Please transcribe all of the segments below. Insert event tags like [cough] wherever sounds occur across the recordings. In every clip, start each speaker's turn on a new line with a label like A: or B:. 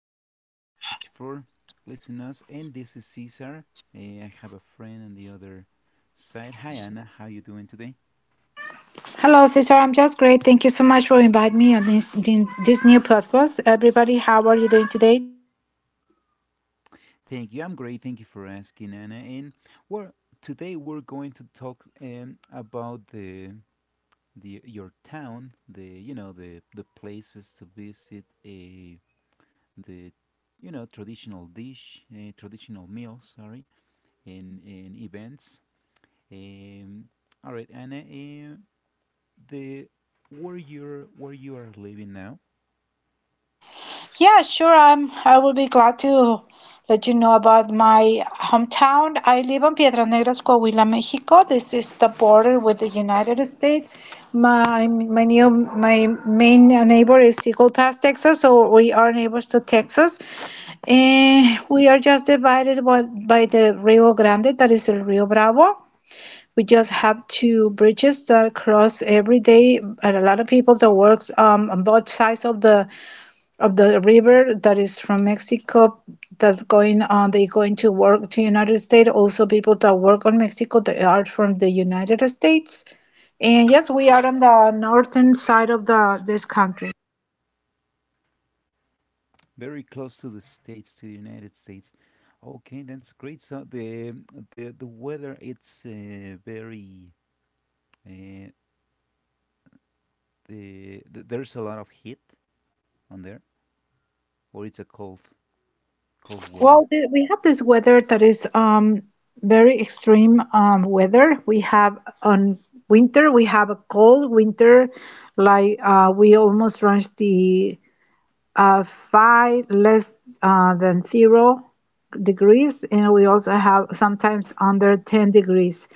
A: everyone, thank you so much for listening us. And this is Cesar. I have a friend on the other side. Hi Anna, how you doing today?
B: Hello, sister. I'm just great. Thank you so much for inviting me on this in this new podcast. Everybody, how are you doing today?
A: Thank you. I'm great. Thank you for asking, Anna. And well, today we're going to talk about the your town, the you know the places to visit, the you know traditional dish, traditional meals, sorry, and events. Um, all right, Anna. The where you're Where you are living now,
B: Yeah, sure. I will be glad to let you know about my hometown. I live on Piedras Negras, Coahuila, Mexico. This is the border with the United States. My main neighbor is Eagle Pass, Texas. So we are neighbors to Texas, and we are just divided by the Rio Grande, that is the Rio Bravo. We just have two bridges that cross every day, and a lot of people that works on both sides of the river that is from Mexico that's going on. They going to work to United States. Also people that work on Mexico that are from the United States. And yes, we are on the northern side of the this country.
A: very close to the states, to the United States. Okay, that's great. So the weather, it's very uh, there's a lot of heat on there, or it's a cold
B: Well,
A: weather,
B: we have this weather that is very extreme weather. We have on winter, we have a cold winter, like we almost reach the five less than 0 degrees, and we also have sometimes under 10 degrees.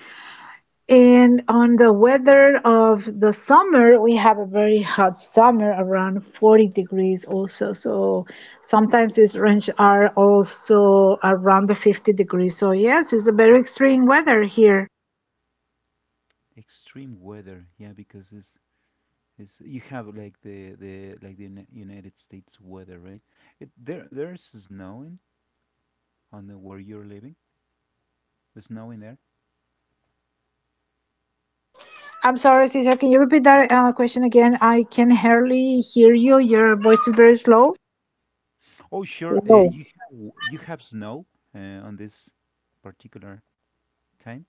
B: And on the weather of the summer, we have a very hot summer around 40 degrees also. So sometimes these range are also around the 50 degrees. So yes, it's a very extreme weather here.
A: extreme weather. Yeah, because it's you have like the United States weather, right? It there There's snowing on the where you're living. There's snow in there.
B: I'm sorry, Cesar, can you repeat that question again? I can hardly hear you. Your voice is very slow.
A: Oh, sure.
B: Hello.
A: You have snow on this particular time.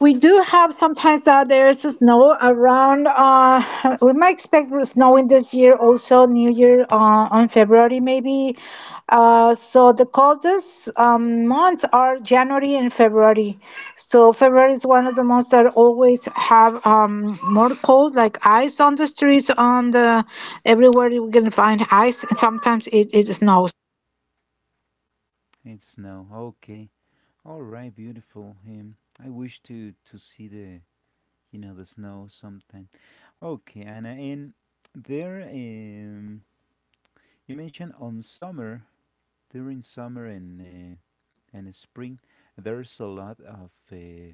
B: We do have sometimes that there's snow around. We might expect snowing this year also, New Year on February maybe. So the coldest months are January and February. So February is one of the months that always have more cold, like ice on the streets, on the everywhere you can find ice, and sometimes it snows.
A: It's snow. Okay. All right. Beautiful. I wish to see the you know the snow sometime. Okay, Anna. And there, you mentioned on summer during summer and spring, there's a lot of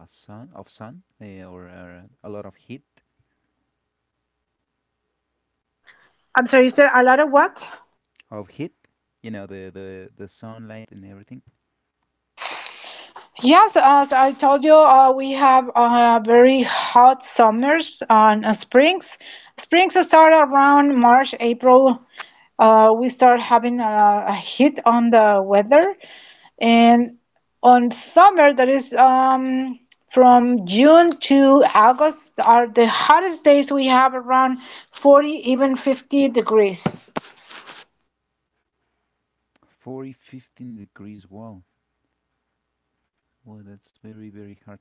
A: a sun of sun or a lot of heat
B: I'm sorry, is there a lot of what?
A: of heat. You know the sunlight and everything.
B: Yes, as I told you, we have very hot summers and springs. Springs start around March, April. We start having a hit on the weather, and on summer that is from June to August are the hottest days we have around 40, even 50 degrees.
A: 40, 15 degrees. Wow. Well, that's very, very hard.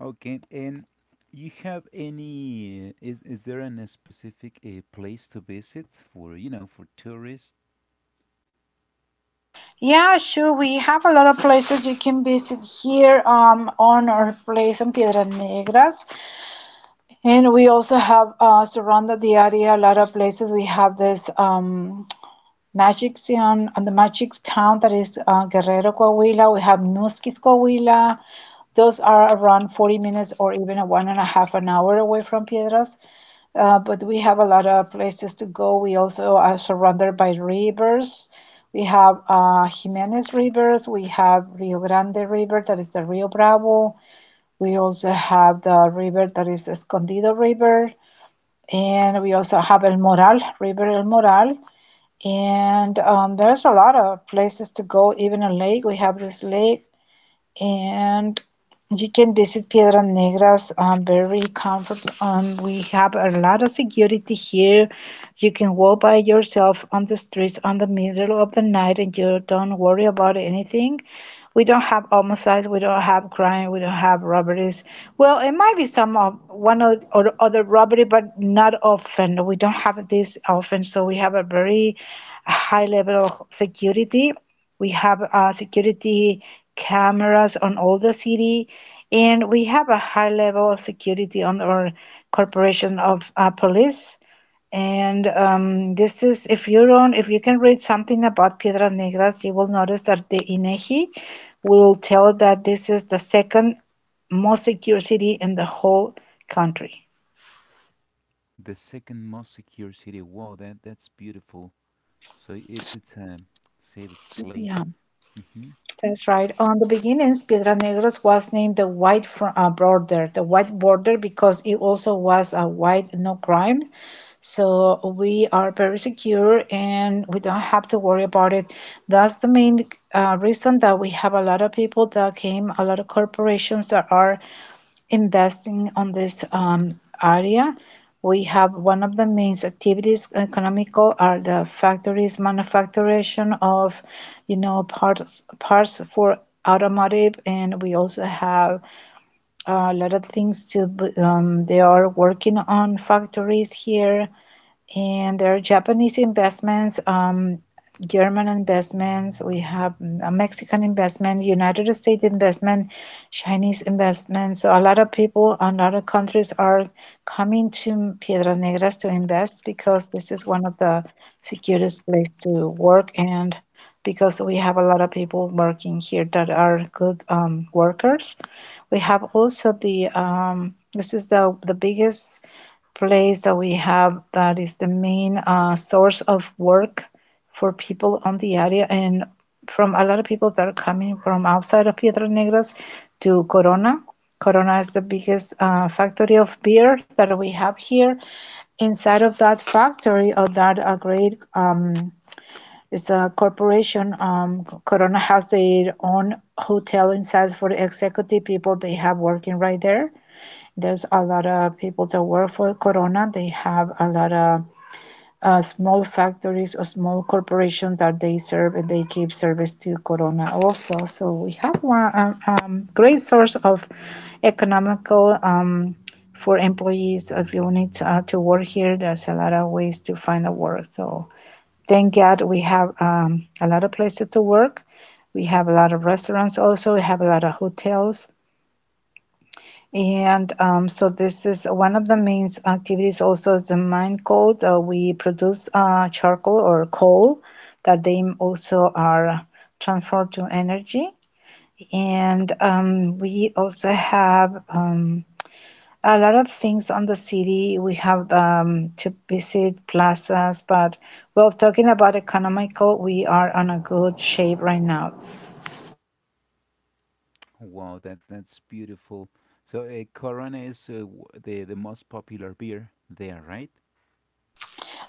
A: Okay. And you have any, is there an specific place to visit for tourists?
B: Yeah, sure. We have a lot of places you can visit here on our place on Piedras Negras. And we also have surrounded the area a lot of places. We have this Magic Town, and the Magic Town that is Guerrero, Coahuila. We have Nusquis, Coahuila. Those are around 40 minutes or even a one and a half an hour away from Piedras. But we have a lot of places to go. We also are surrounded by rivers. We have Jimenez Rivers. We have Rio Grande River, that is the Rio Bravo. We also have the river that is Escondido River. And we also have El Moral, River El Moral. And there's a lot of places to go, even a lake. We have this lake, and you can visit Piedras Negras very comfort. We have a lot of security here. You can walk by yourself on the streets on the middle of the night, and you don't worry about anything. We don't have homicides. We don't have crime. We don't have robberies. Well, it might be some of one or other robbery, but not often. We don't have this often, so we have a very high level of security. We have security cameras on all the city, and we have a high level of security on our corporation of police. And this is, if you can read something about Piedras Negras, you will notice that the INEGI will tell that this is the second most secure city in the whole country.
A: The second most secure city. Wow, that's beautiful. So it's a safe place.
B: Yeah.
A: Hmm.
B: That's right. On the beginnings, Piedras Negras was named the White Fr Border, the White Border, because it also was a white no crime. So we are very secure, and we don't have to worry about it. That's the main reason that we have a lot of people that came, a lot of corporations that are investing on this area. We have one of the main activities economical are the factories manufacturing of parts for automotive, and we also have a lot of things to. They are working on factories here. And there are Japanese investments, German investments, we have a Mexican investment, United States investment, Chinese investment. So a lot of people, a lot of countries are coming to Piedras Negras to invest, because this is one of the securest places to work, and because we have a lot of people working here that are good workers. We have also the this is the biggest place that we have that is the main source of work for people on the area, and from a lot of people that are coming from outside of Piedras Negras to Corona. Corona is the biggest factory of beer that we have here. Inside of that factory, or that great is a corporation. Corona has their own hotel inside for executive people they have working right there. There's a lot of people that work for Corona. They have a lot of small factories or small corporations that they serve, and they give service to Corona also. So we have one great source of economical for employees. If you need to work here, there's a lot of ways to find a work. So thank God we have a lot of places to work. We have a lot of restaurants also. We have a lot of hotels, and so this is one of the main activities. Also is the mine coal. We produce charcoal or coal that they also are transferred to energy. And we also have a lot of things on the city. We have to visit plazas, but well, talking about economical, we are on a good shape right now.
A: Wow, that's beautiful. So Corona is the most popular beer there, right?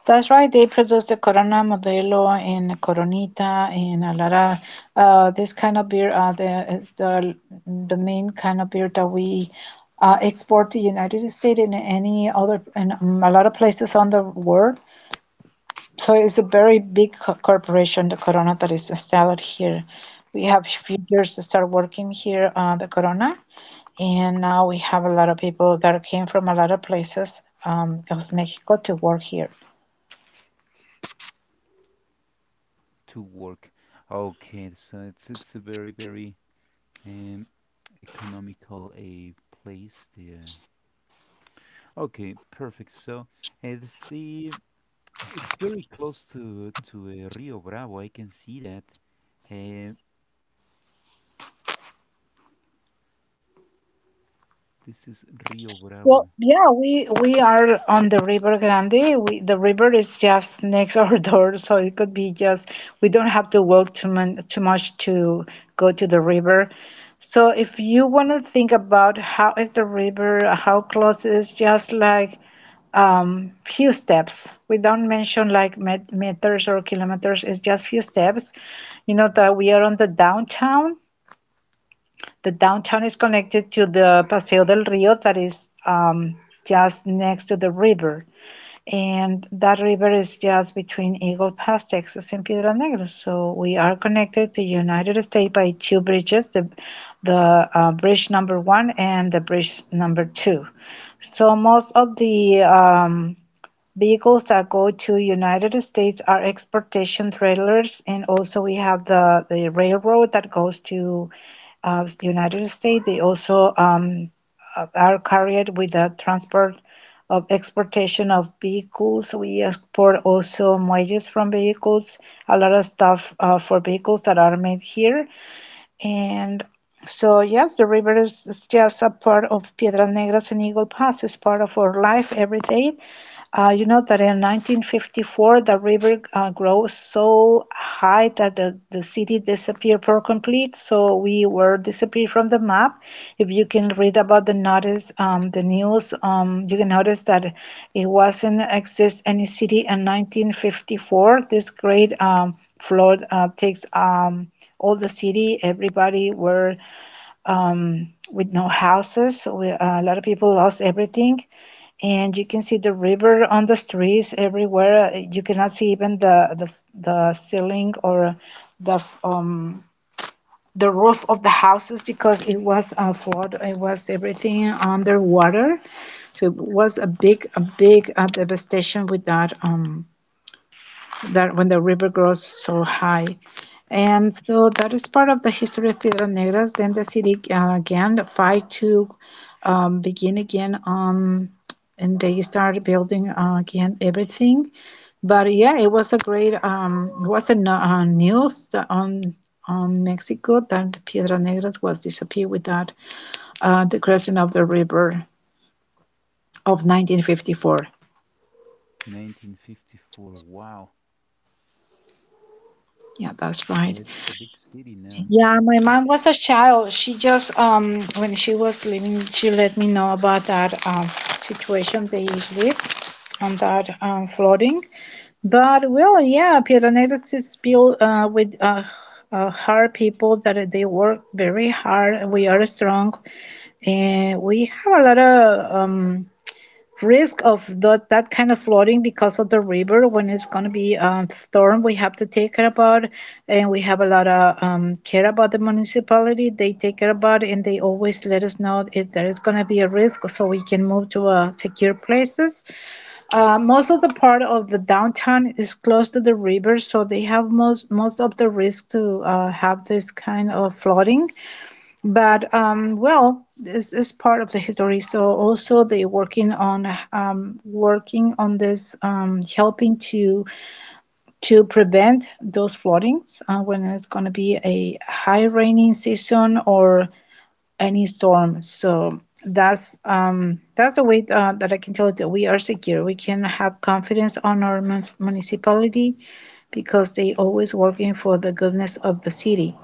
B: That's right. They produce the Corona Modelo and Coronita and Alara. This kind of beer is the main kind of beer that we export to United States and any other, and a lot of places on the world. So it's a very big corporation, the Corona, that is installed here. We have few years to start working here on the Corona, and now we have a lot of people that came from a lot of places of Mexico to work here.
A: To work. Okay. So it's a very, very um, economical a place there. Okay, perfect. So it's the it's very close to to Rio Bravo. I can see that. Uh, this is Rio
B: Well,
A: Bravo,
B: yeah, we are on the River Grande. The river is just next [laughs] our door, so it could be just we don't have to walk too much to go to the river. So if you want to think about how is the river, how close it is, just like few steps. We don't mention like meters or kilometers. It's just few steps. You know that we are on the downtown. The downtown is connected to the Paseo del Rio that is just next to the river. And that river is just between Eagle Pass, Texas, and Piedras Negras. So we are connected to the United States by two bridges, the bridge number one and the bridge number two. So most of the vehicles that go to United States are exportation trailers, and also we have the railroad that goes to United States. They also are carried with the transport of exportation of vehicles. We export also muelles from vehicles, a lot of stuff for vehicles that are made here. And so, yes, the river is just a part of Piedras Negras and Eagle Pass. It's part of our life every day. You know that in 1954, the river grows so high that the city disappeared per complete. So we were disappeared from the map. If you can read about the news, you can notice that it wasn't exist any city in 1954. This great flood takes all the city. Everybody were with no houses. So, a lot of people lost everything, and you can see the river on the streets everywhere. You cannot see even the ceiling or the um the roof of the houses, because it was flood. It was everything underwater. So it was a big devastation with that when the river grows so high. And so that is part of the history of Piedras Negras. Then the city again, fight to begin again, and they started building again everything. But yeah, it was a great, it was a news on Mexico that Piedras Negras was disappeared with that the crossing of the river of 1954.
A: 1954. Wow,
B: Yeah, that's
A: well,
B: right.
A: it's a big city now.
B: Yeah, my mom was a child. She just when she was living, she let me know about that situation they lived on that flooding. But well, yeah, Piranesi is built with hard people that they work very hard. We are strong, and we have a lot of risk of that kind of flooding because of the river. When it's going to be a storm, we have to take care about. And we have a lot of care about. The municipality, they take care about it, and they always let us know if there is going to be a risk so we can move to secure places. Most of the part of the downtown is close to the river, so they have most of the risk to have this kind of flooding. But well, this is part of the history. So also they working on, working on this, helping to prevent those floodings when it's going to be a high raining season or any storm. So that's the way that I can tell you that we are secure. We can have confidence on our municipality because they always working for the goodness of the city.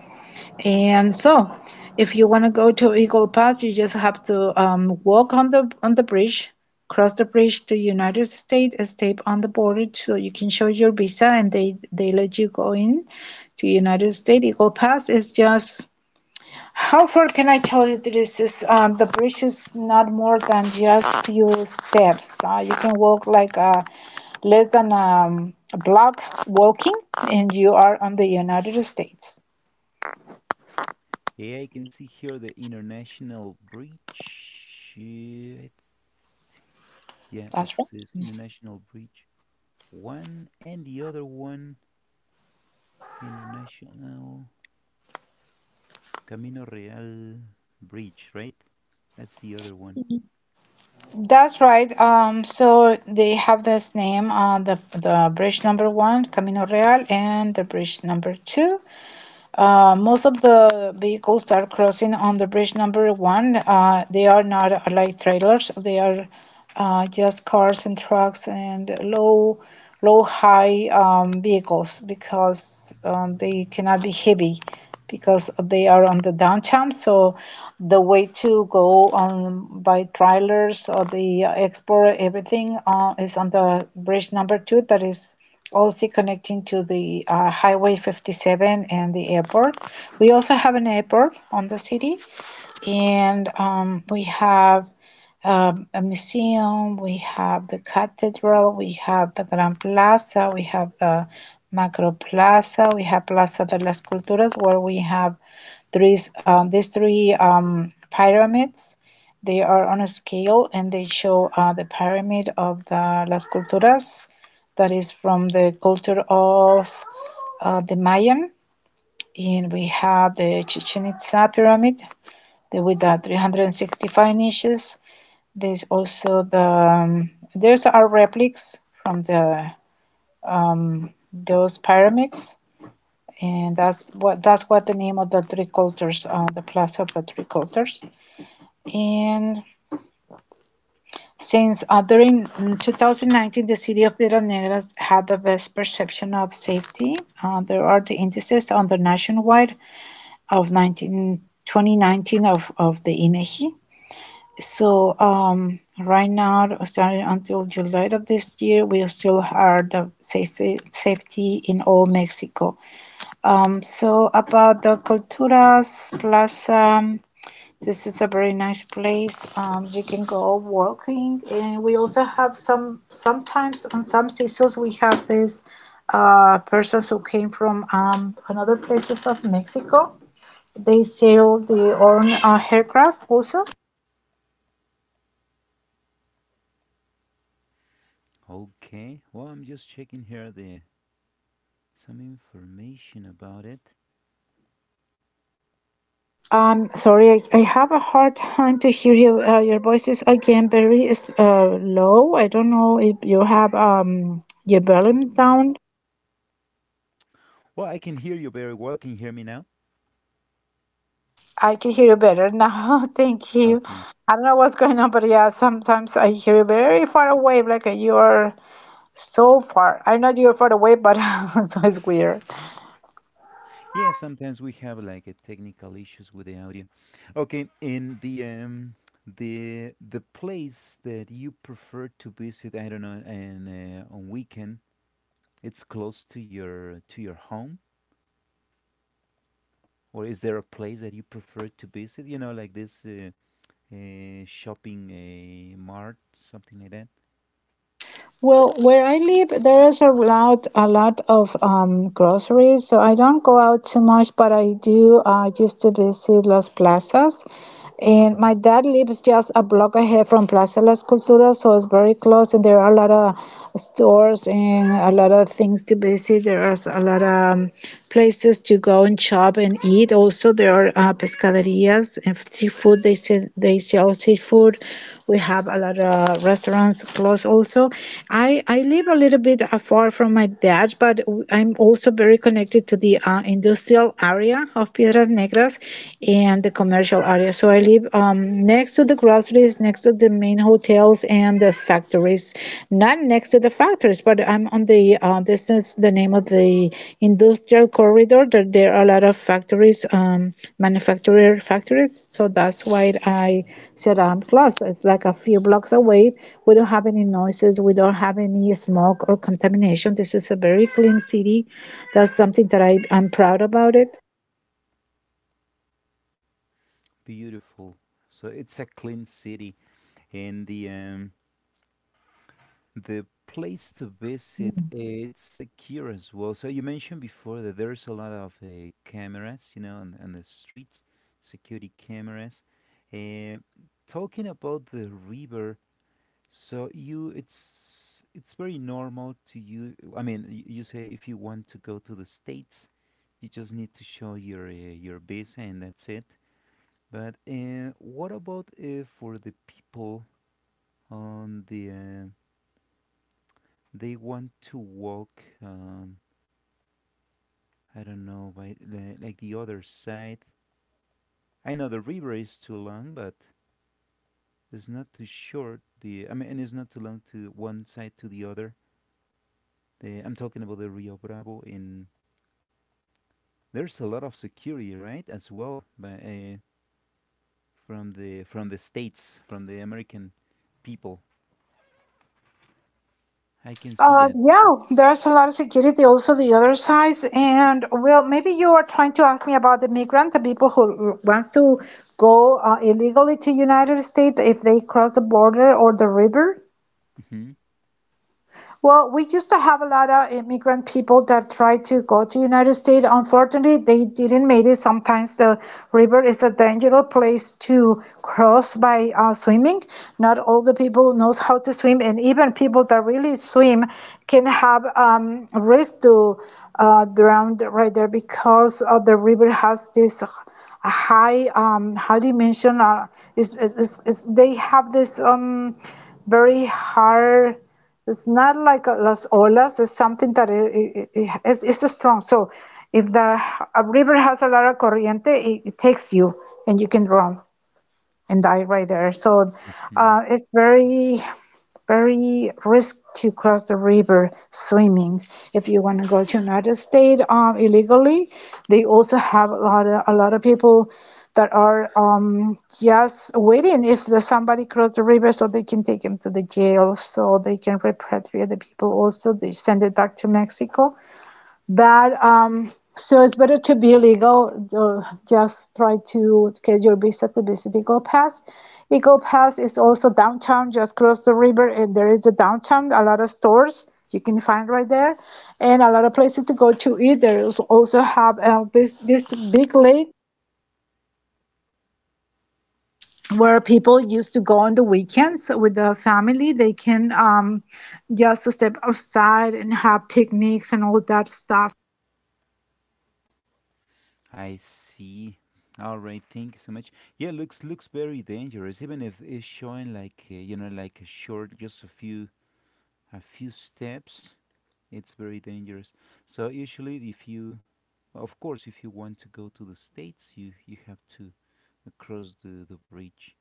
B: And so, if you want to go to Eagle Pass, you just have to walk on the bridge, cross the bridge to United States. Step on the border so you can show your visa, and they let you go in to United States. Eagle Pass is just, how far can I tell you, this is the bridge is not more than just few steps. You can walk like a less than a block walking, and you are on the United States.
A: Yeah, I can see here the international bridge. I Yeah, it
B: That's right.
A: says international bridge one and the other one international. Camino Real Bridge, right? That's the other one.
B: That's right. So they have this name, the bridge number one, Camino Real, and the bridge number two. Most of the vehicles are crossing on the bridge number one. They are not like trailers. They are just cars and trucks and low, low high vehicles, because they cannot be heavy because they are on the downtown. So the way to go on by trailers or the export everything is on the bridge number two that is also connecting to the Highway 57 and the airport. We also have an airport on the city, and we have, a museum, we have the cathedral, we have the Grand Plaza, we have the Macro Plaza, we have Plaza de las Culturas, where we have three, these three pyramids. They are on a scale and they show the pyramid of the Las Culturas that is from the culture of the Mayan. And we have the Chichen Itza pyramid, the, with the 365 niches. There's also there's are replicas from the those pyramids, and that's what the name of the three cultures, the Plaza of the Three Cultures, and since othering in 2019, the city of Piedras Negras had the best perception of safety. There are the indices on the nationwide of 19, 2019 of the INEGI. So right now, starting until July of this year, we still are the safety in all Mexico. So about the Culturas Plaza, this is a very nice place. You can go walking, and we also have some. Sometimes on some seasons, we have these persons who came from another places of Mexico. They sell their own aircraft also.
A: Okay. Well, I'm just checking here the some information about it.
B: Sorry, I have a hard time to hear you. Your voice is again very low. I don't know if you have your volume down.
A: Well, I can hear you very well. Can you hear me now?
B: I can hear you better now. [laughs] Thank you.
A: Okay.
B: I don't know what's going on, but yeah, sometimes I hear you very far away, like you are so far. I know you're far away, but [laughs] so it's weird.
A: Yeah, sometimes we have like a technical issues with the audio. Okay, in the place that you prefer to visit, I don't know, and on weekend, it's close to your home, or is there a place that you prefer to visit? You know, like this shopping mart, something like that.
B: Well, where I live, there is a lot of groceries, so I don't go out too much, but I do used to visit Las Plazas. And
A: Mhm.
B: my dad lives just a block ahead from Plaza Las Culturas, so it's very close, and there are a lot of stores and a lot of things to visit. There are a lot of places to go and shop and eat. Also, there are pescaderías and seafood. They sell seafood. We have a lot of restaurants close also. I live a little bit far from my dad, but I'm also very connected to the industrial area of Piedras Negras and the commercial area. So I live next to the groceries, next to the main hotels, and the factories is not next to the factories, but I'm on the, this is the name of the industrial corridor. There are a lot of factories, manufacturer factories. So that's why I said I'm close. It's like a few blocks away. We don't have any noises. We don't have any smoke or contamination. This is a very clean city. That's something that I'm proud about it.
A: Beautiful. So it's a clean city, and the place to visit it's secure as well. So you mentioned before that there's a lot of cameras, on, the streets, security cameras. Uh, Talking about the river. So you, it's very normal to you. I mean, you say if you want to go to the states, you just need to show your visa and that's it. But what about for the people on the they want to walk? I don't know by the other side. I know the river is too long, but it's not too short. The I mean, and it's not too long to one side to the other. I'm talking about the Rio Bravo in there's a lot of security, right, as well, from the states, from the American people. I can see that.
B: Yeah, there's a lot of security also the other side, and well, maybe you are trying to ask me about the migrant, the people who wants to go illegally to United States, if they cross the border or the river.
A: Hmm.
B: Well, we used to have a lot of immigrant people that tried to go to United States. Unfortunately, they didn't make it. Sometimes the river is a dangerous place to cross by swimming. Not all the people knows how to swim, and even people that really swim can have risk to drown right there, because the river has this a high high dimension. Is they have this very hard. It's not like Las Olas. It's something that it's strong. So if the a river has a lot of corriente, it takes you and you can drown and die right there. So
A: Hmm.
B: it's very, very risk to cross the river swimming. If you want to go to United States illegally, they also have a lot of people that are just waiting if the, somebody cross the river, so they can take them to the jail so they can repatriate the people. Also they send it back to Mexico. But so it's better to be legal. Just try to get your visa to visit Eagle Pass. Eagle Pass is also downtown, just across the river, and there is a downtown. A lot of stores you can find right there, and a lot of places to go to eat. There is also have this big lake where people used to go on the weekends with the family. They can just step outside and have picnics and all that stuff.
A: I see. All right, thank you so much. Yeah, looks very dangerous, even if it's showing like a short, just a few steps. It's very dangerous. So usually, if you, of course, if you want to go to the states, you have to cross the bridge.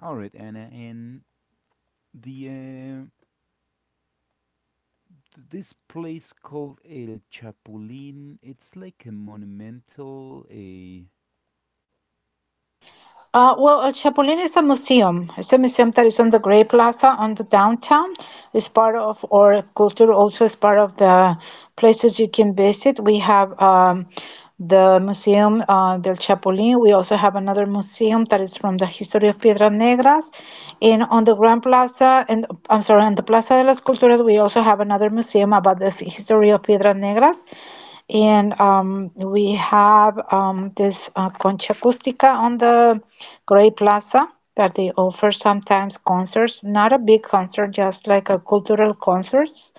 A: All right, Anna, and the this place called El Chapulín. It's like a monumental. A
B: Chapulín is a museum. It's a museum that is on the Gray Plaza on the downtown. It's part of our culture. Also, it's part of the places you can visit. We have the Museum del Chapulín. We also have another museum that is from the history of Piedras Negras. And on the Grand Plaza, and I'm sorry, on the Plaza de las Culturas, we also have another museum about the history of Piedras Negras. And we have, this Concha Acústica on the Gray Plaza, that they offer sometimes concerts, not a big concert, just like a cultural concerts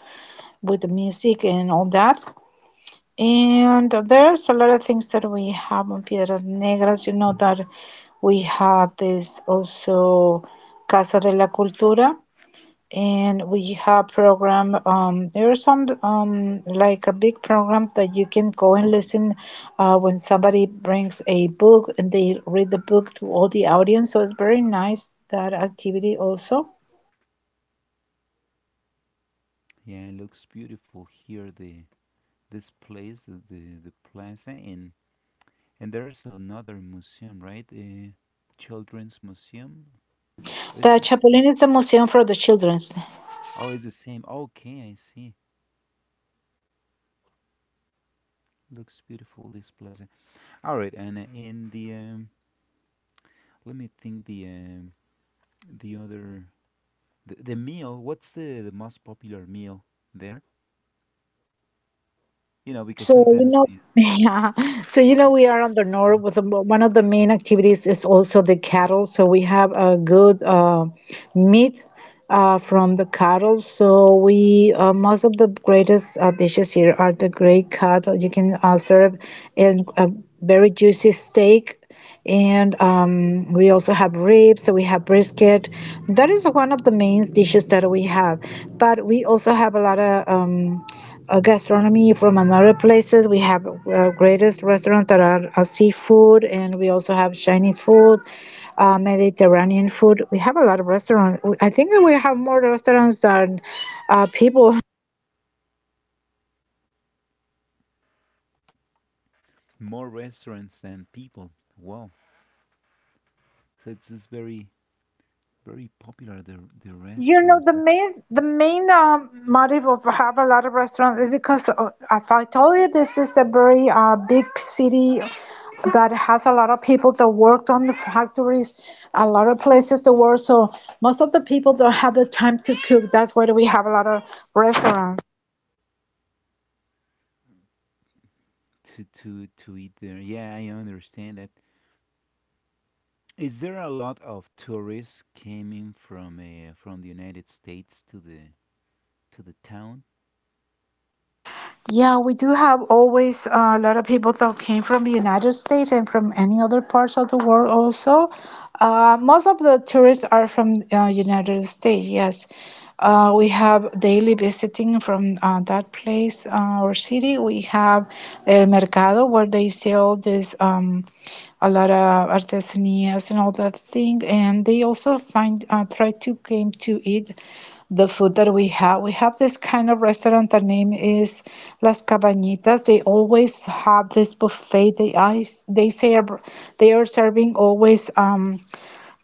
B: with the music and all that. And there's a lot of things that we have on Piedras Negras. You know that we have this also Casa de la Cultura, and we have program, there are some, like a big program that you can go and listen when somebody brings a book and they read the book to all the audience. So it's very nice that activity also.
A: yeah, it looks beautiful here. The This place, the plaza, and there's another museum, right? A children's museum. Or
B: The Chapulín is a museum for the children.
A: oh, it's the same. Okay, I see. Looks beautiful this plaza. All right, and in the let me think, the other the meal. What's the most popular meal there? You know, because
B: So, you
A: sometimes
B: know,
A: the
B: [laughs] yeah. So, you know, we are on the north with the, one of the main activities is also the cattle. So we have a good meat from the cattle. So we most of the greatest dishes here are the great cattle. You can serve in a very juicy steak, and we also have ribs, so we have brisket that is one of the main dishes that we have. But we also have a lot of gastronomy from another places. We have greatest restaurants that are seafood, and we also have Chinese food, Mediterranean food. We have a lot of restaurants. I think that we have more restaurants than people.
A: more restaurants than people. Wow. So it's just very very popular the
B: You know,
A: restaurants
B: the
A: that
B: main the
A: big
B: main motive of have a lot of restaurants is because, as I told you, this is a very big city that has a lot of people that worked on the factories, a lot of places to work. So most of the people don't have the time to cook. That's why we have a lot of restaurants.
A: to to eat there. Yeah, I understand that. Is there a lot of tourists coming from the United States to the town?
B: Yeah, we do have always a lot of people that came from the United States and from any other parts of the world also. Most of the tourists are from United States, yes. We have daily visiting from that place or city. We have El Mercado, where they sell this a lot of artesanias and all that thing. And they also find try to came to eat the food that we have. We have this kind of restaurant. The name is Las Cabañitas. They always have this buffet. They ice. They say they are serving always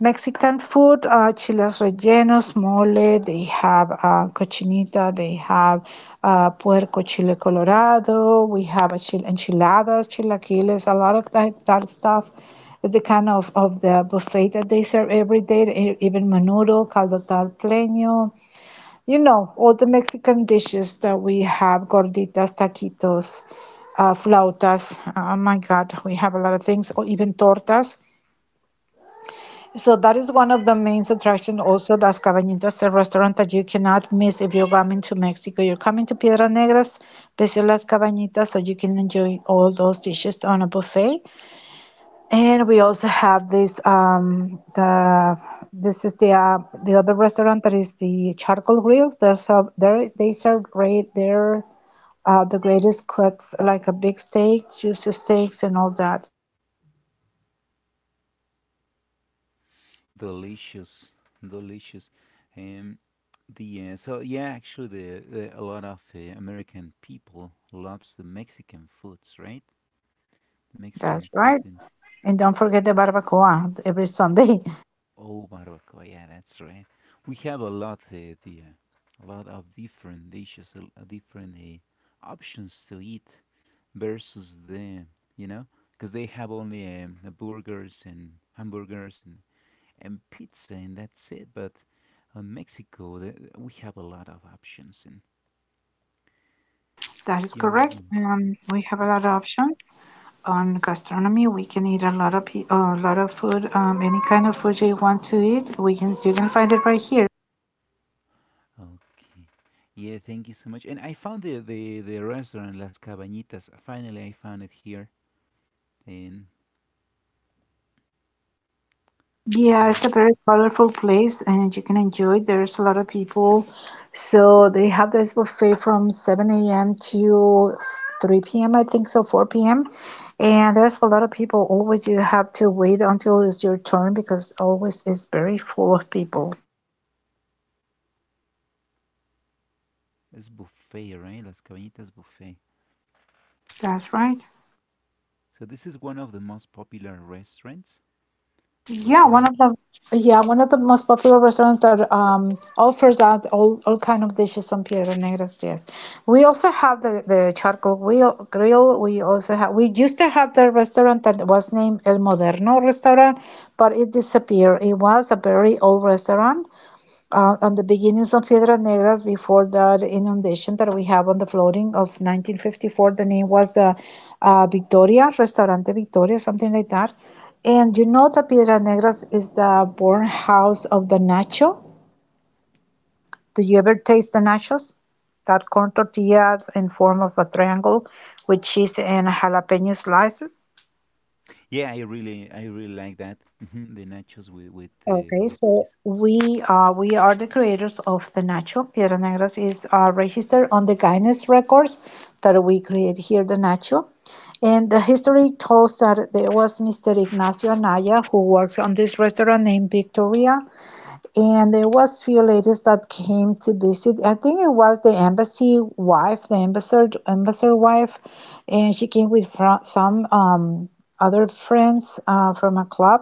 B: Mexican food, chiles rellenos, mole. They have cochinita. They have puerco chile colorado. We have enchiladas, chilaquiles, a lot of that stuff. It's the kind of the buffet that they serve every day, even menudo, caldo tal pleño, you know, all the Mexican dishes that we have, gorditas, taquitos, flautas. Oh my God, we have a lot of things, or even tortas. So that is one of the main attractions. Also, Las Cabañitas, a restaurant that you cannot miss. If you're coming to Mexico, you're coming to Piedras Negras, visit Las Cabañitas, so you can enjoy all those dishes on a buffet. And we also have this the this is the other restaurant that is the charcoal grill. There's serve there they serve great the greatest cuts like a big steak, juicy steaks and all that.
A: Delicious, delicious. Um, the so yeah, actually, the a lot of American people loves the Mexican foods, right? The Mexican
B: That's
A: food
B: right.
A: in.
B: And don't forget the barbacoa every Sunday. [laughs]
A: Oh, Morocco. Yeah, that's right. We have a lot of different dishes, a different options to eat versus you know, because they have only burgers and hamburgers and pizza and that's it. But in Mexico, we have a lot of options and
B: That is
A: yummy,
B: correct.
A: yummy things.
B: We have a
A: I'm
B: lot of
A: trying.
B: options on gastronomy. We can eat a lot of a lot of food. Any kind of food you want to eat, we can you can find it right here.
A: Okay. Yeah, thank you so much. And I found the restaurant Las Cabañitas. Finally, I found it here. And
B: Yeah, it's
A: here
B: a very colorful place and you can enjoy. There's a lot of people. So they have this buffet from 7 a.m. to 3 p.m., I think, so 4 p.m. And there's a lot of people. Always you have to wait until it's your turn, because always it's very full of people.
A: it's buffet, right? Las Cabañitas buffet.
B: That's right.
A: So this is one of the most popular restaurants.
B: Yeah, one
A: Restaurant.
B: of the yeah, one of the most popular restaurants that offers out all kind of dishes on Piedra Negras. Yes, we also have the charcoal grill. Grill. We used to have the restaurant that was named El Moderno Restaurant, but it disappeared. It was a very old restaurant, on the beginnings of Piedras Negras before that inundation that we have on the flooding of 1954. The name was the Victoria, Restaurante Victoria, something like that. And you know that Piedras Negras is the born house of the nacho. Do you ever taste the nachos? That corn tortilla in form of a triangle with cheese and jalapeno slices?
A: Yeah, I really like that. Mhm. The nachos with with uh,
B: Okay,
A: with
B: so
A: cheese.
B: we are the creators of the Nacho. Piedras Negras is registered on the Guinness records that we create here the Nacho. And the history tells that there was Mr. Ignacio Anaya, who works on this restaurant named Victoria. And there was few ladies that came to visit. I think it was the embassy wife, the ambassador wife, and she came with fr- some other friends from a club,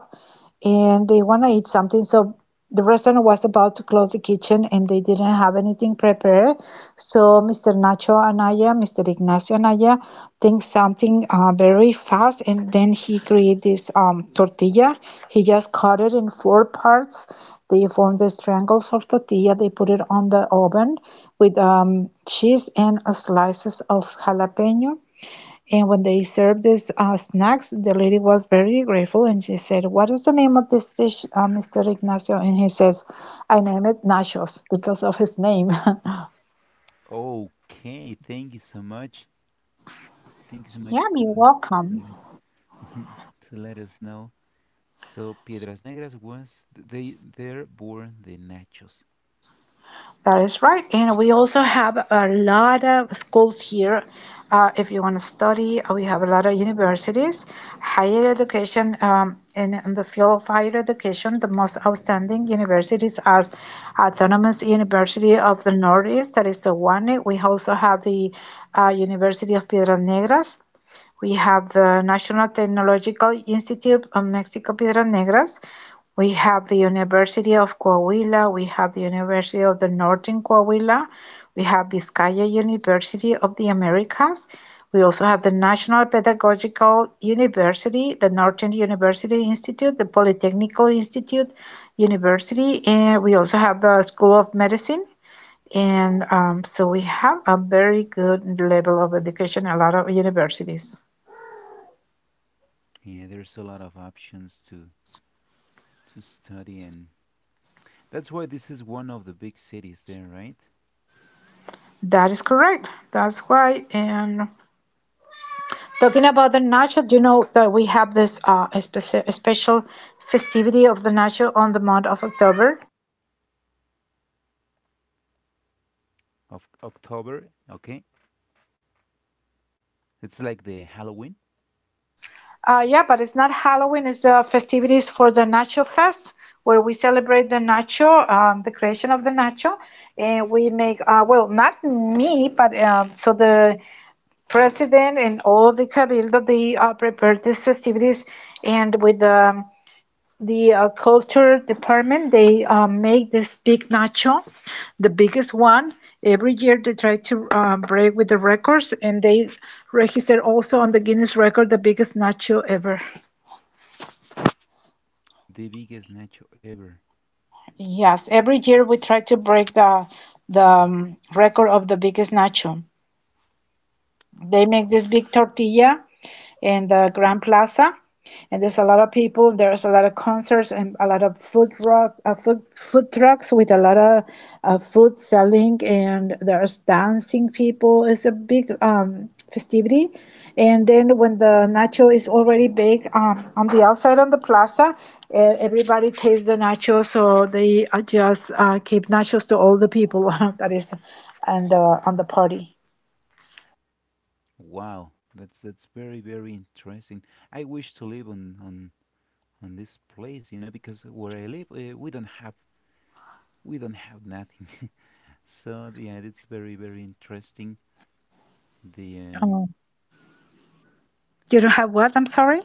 B: and they want to eat something. So the restaurant was about to close the kitchen and they didn't have anything prepared. So Mr. Nacho Anaya, Mr. Ignacio Anaya, thinks something very fast, and then he created this tortilla. He just cut it in four parts. They formed the triangles of tortilla. They put it on the oven with cheese and slices of jalapeno, and when they served us snacks, the lady was very grateful and she said, "What is the name of this dish, Mr. Ignacio?" And he says, "I name it nachos," because of his name. [laughs]
A: Okay, thank you so much. Thank you so
B: Yeah,
A: much
B: you're welcome.
A: [laughs] to let us know. So Piedras Negras was they there born the nachos.
B: That is right. And we also have a lot of schools here. If you want to study, we have a lot of universities. Higher education, in the field of higher education, the most outstanding universities are Autonomous University of the Northeast, that is the one. We also have the University of Piedras Negras, we have the National Technological Institute of Mexico Piedras Negras. We have the University of Coahuila. We have the University of the Northern Coahuila. We have Vizcaya University of the Americas. We also have the National Pedagogical University, the Northern University Institute, the Polytechnical Institute University, and we also have the School of Medicine. And so we have a very good level of education, a lot of universities.
A: Yeah, there's a lot of options to study, and that's why this is one of the big cities there, right?
B: That is correct. That's why. And talking about the nacho, do you know that we have this special festivity of the nacho on the month of October?
A: Of October, okay. It's like the Halloween,
B: Yeah, but it's not Halloween. It's the festivities for the Nacho Fest, where we celebrate the nacho, the creation of the nacho, and we make well, not me, but so the president and all the cabildo, they prepared these festivities, and with the culture department, they make this big nacho, the biggest one. Every year they try to break with the records, and they register also on the Guinness record the biggest nacho ever.
A: the biggest nacho ever.
B: Yes, every year we try to break the record of the biggest nacho. They make this big tortilla in the Grand Plaza, and there's a lot of people. There's a lot of concerts and a lot of food trucks with a lot of food selling, and there's dancing people. It's a big festivity. And then when the nacho is already baked on the outside on the plaza, everybody tastes the nacho, so they just keep nachos to all the people [laughs] that is and the on the party.
A: Wow, that's very very interesting. I wish to live on this place, because where I live, we don't have nothing. [laughs] so yeah, it's very very interesting. The
B: You don't have what? I'm sorry.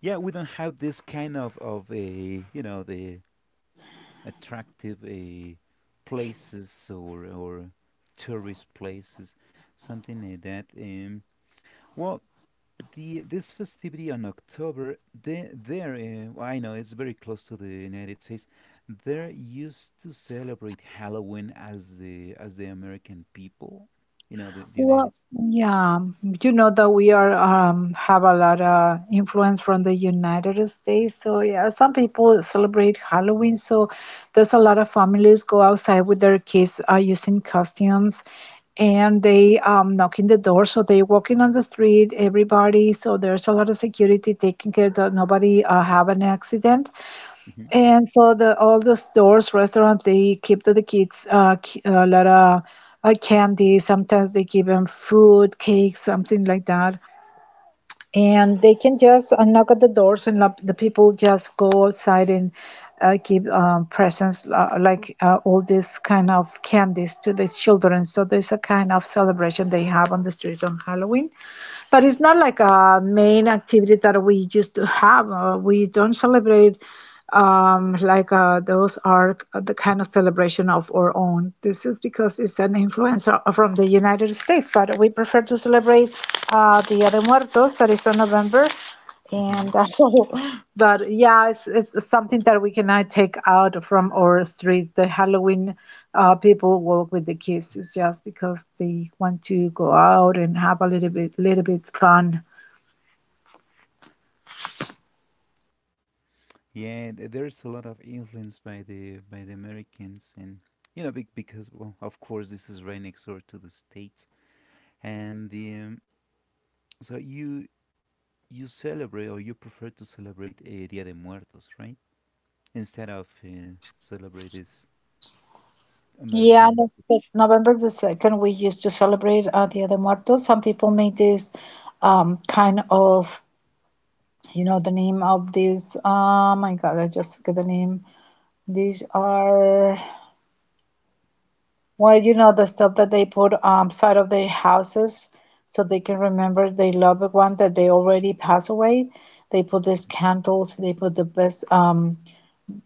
A: Yeah, we don't have this kind of a you know the attractive places or tourist places, something like that. Well, the this festivity on October, well, I know it's very close to the United States. There used to celebrate Halloween as the American people, the
B: Well,
A: United States.
B: yeah, you know that we are have a lot of influence from the United States. So yeah, some people celebrate Halloween. So there's a lot of families go outside with their kids using costumes, and they knock in the door. So they walking on the street, everybody. So there's a lot of security taking care that nobody have an accident.
A: Hmm.
B: And so the all the stores, restaurants, they keep to the kids a lot of candy. Sometimes they give them food, cakes, something like that. And they can just knock at the doors, and the people just go outside and give presents all this kind of candies to the children. So there's a kind of celebration they have on the streets on Halloween, but it's not like a main activity that we used to have. We don't celebrate those are the kind of celebration of our own. This is because it's an influencer from the United States, but we prefer to celebrate Dia de Muertos, that is on November. And
A: Hmm.
B: that's all. [laughs] But yeah, it's something that we cannot take out from our streets. The Halloween people walk with the kids. It's just because they want to go out and have little bit fun.
A: Yeah, there's a lot of influence by the Americans, and Because well, of course, this is right next door to the States, and the so you celebrate or you prefer to celebrate Dia de Muertos, right? Instead of celebrate this
B: Yeah,
A: American
B: that's
A: tradition.
B: November the 2nd, we used to celebrate Dia de Muertos. Some people make um, kind of, you know, the name of these. Oh my God, I just forget the name. These are, well, you know, the stuff that they put side of their houses, so they can remember their loved one that they already passed away. They put these candles, they put the best.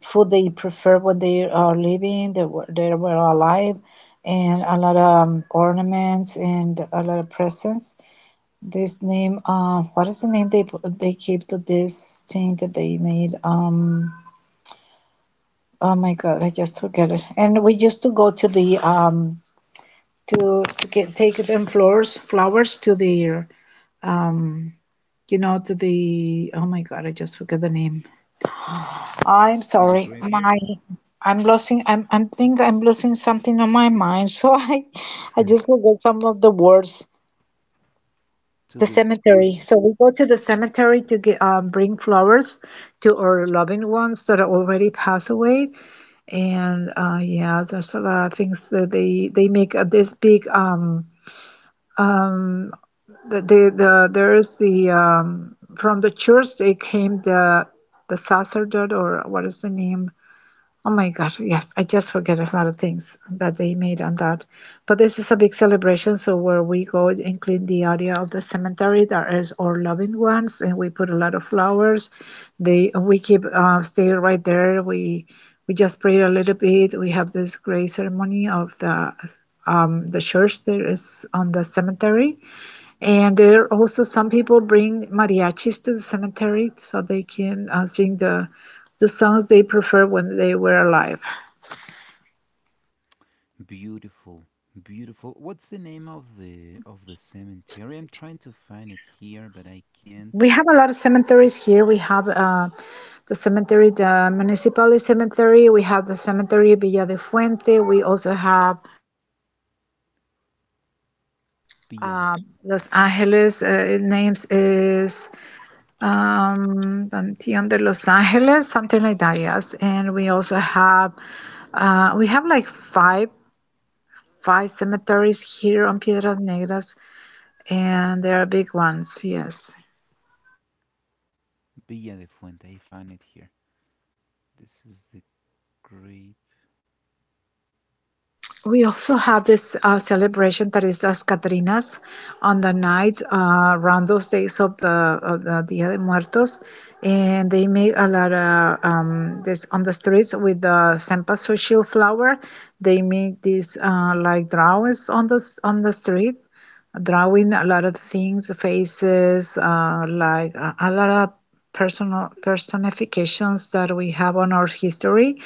B: Food they prefer when they are living, they were alive, and a lot of ornaments and a lot of presents. This name, what is the name they they keep to this thing that they made? Oh my God, I just forget it. And we used to go to the to get take them flowers to their um you know to the oh my God, I just forget the name. I'm
A: To the
B: sorry.
A: graveyard,
B: My I'm losing I'm think I'm losing something on my mind. So [laughs] I just forgot some of the words.
A: to
B: The
A: the
B: cemetery.
A: grave.
B: So we go to the cemetery to get bring flowers to our loving ones that are already passed away. And Yeah, there's a lot of things that they make this big the there is the from the church they came the sacerdote or what is the name. Oh my God, yes, I just forget a lot of things that they made on that. But this is a big celebration, so where we go and clean the area of the cemetery, there is our loving ones, and we put a lot of flowers. They we keep stay right there. We just pray a little bit. We have this great ceremony of the church there is on the cemetery. And there are also some people bring mariachis to the cemetery so they can sing the songs they preferred when they were alive.
A: Beautiful, beautiful. What's the name of the cemetery? I'm trying to find it here, but I can't.
B: We have a lot of cemeteries here. We have the cemetery, the municipal cemetery. We have the cemetery Villa de Fuente. We also have
A: Villa de
B: uh, Los Angeles. It names is Panteon de Los Angeles, something like that. Yes, and we also have we have like five cemeteries here on Piedras Negras, and they are big ones. Yes.
A: Villa de Fuente. I found it here. This is the grave.
B: We also have this celebration that is Las Catrinas on the nights around those days of the Dia de Muertos, and they make a lot of this on the streets with the cempasúchil flower. They make these like drawings on the street, drawing a lot of things, faces, a lot of personal personifications that we have on our history.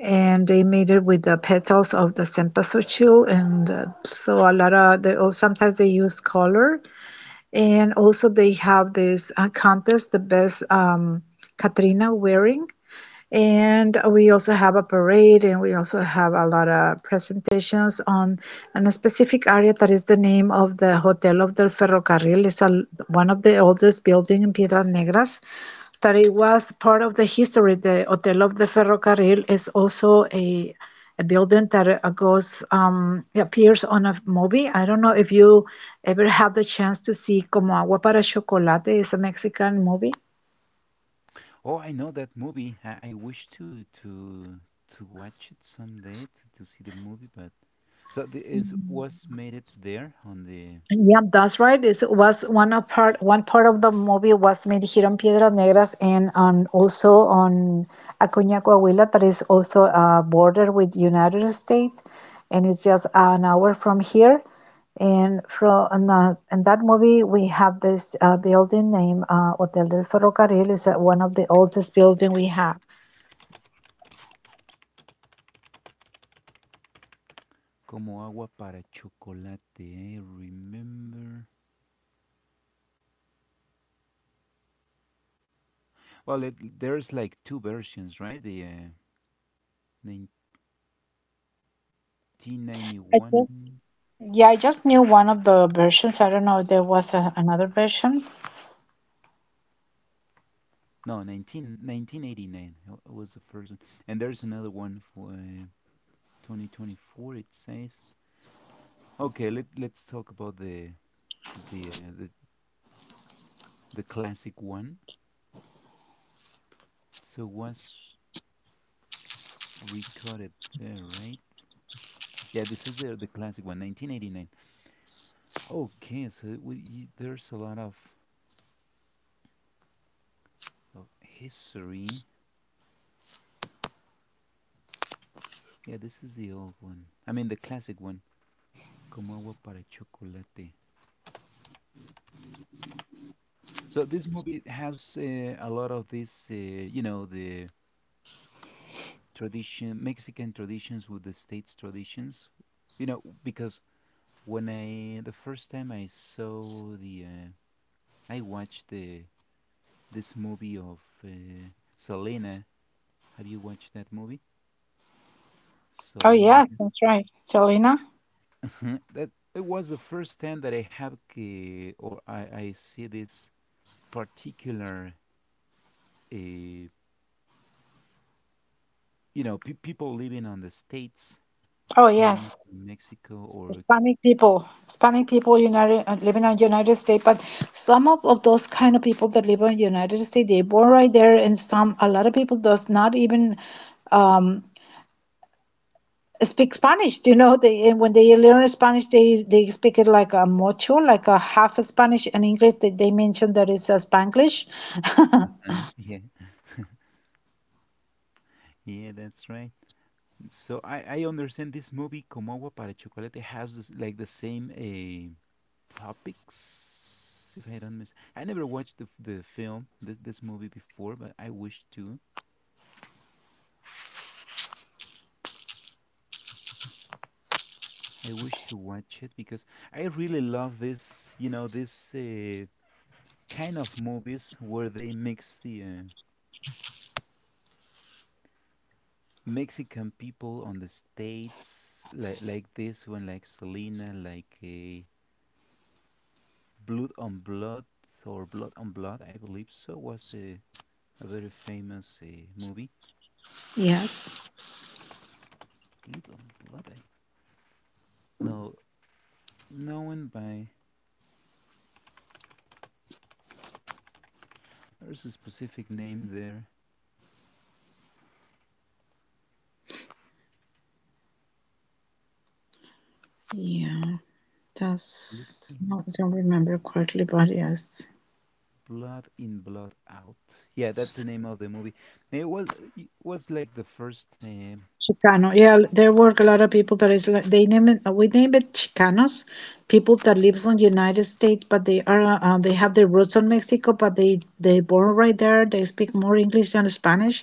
B: And they made it with the petals of the senpasuchu, and so a lot of they, oh, sometimes they use color, and also they have this contest, the best Katrina wearing, and we also have a parade and we also have a lot of presentations on a specific area that is the name of the hotel of del ferrocarril. It's one of the oldest buildings in Piedras Negras, that it was part of the history. The hotel of the ferrocarril is also a building that goes appears on a movie. I don't know if you ever have the chance to see Como Agua para Chocolate. It's a Mexican movie.
A: Oh, I know that movie. I wish to watch it someday to see the movie, but so is was made it there on the
B: Yeah, that's right. It was one of part one part of the movie was made here on Piedras Negras and on also on Acuña Coahuila, that is also a border with United States, and it's just an hour from here. In that movie we have this building named Hotel del Ferrocarril. It's one of the oldest building we have.
A: Como agua para chocolate. I remember. Well, there's like two versions, right? The
B: I just
A: 1991,
B: Yeah, I just knew one of the versions. I don't know if there was another version.
A: no, nineteen eighty nine was the first one, and there's another one for 2024. It says, okay, let's talk about the uh, the the classic one. So was recorded there, right? Yeah, this is the classic one, 1989. Okay, so there's a lot of history. Yeah, this is the old one. I mean, the classic one. Como agua para chocolate. So this movie has a lot of the tradition, Mexican traditions with the states traditions. You know, because when I the first time I watched the this movie of Selena. Have you watched that movie?
B: Oh
A: Selena.
B: yeah,
A: [laughs]
B: that's right. Selena.
A: Mhm. That it was the first time that I have or I see this particular, uh, you people living on the states
B: Oh
A: came
B: yes,
A: from Mexico or
B: Hispanic people United living in United States, but some of those kind of people that live in United States, they born right there, and some a lot of people does not even um, speak Spanish. You know, they and when they learn Spanish, they speak it like a mucho, like a half Spanish and English. They mention that it's a Spanglish. [laughs]
A: [laughs] yeah, yeah, that's right. So I understand this movie Como agua para chocolate has like the same topics. If I don't miss, I never watched the film this movie before, but I wish to. I wish to watch it because I really love this kind of movies where they mix the Mexican people on the states, like this one, like Selena, like Blood on Blood Blood on Blood, I believe so, was a very famous movie.
B: Yes.
A: Blood on Blood, no, known by there's a specific name there.
B: Yeah.
A: Blood
B: That's
A: in
B: I don't remember correctly, but yes.
A: Blood in Blood Out. Yeah, that's the name of the movie. It was it was like the first.
B: Chicano. Yeah, there work a lot of people that is like they name it. We name it Chicanos, people that lives on United States, but they are they have their roots on Mexico, but they born right there. They speak more English than Spanish,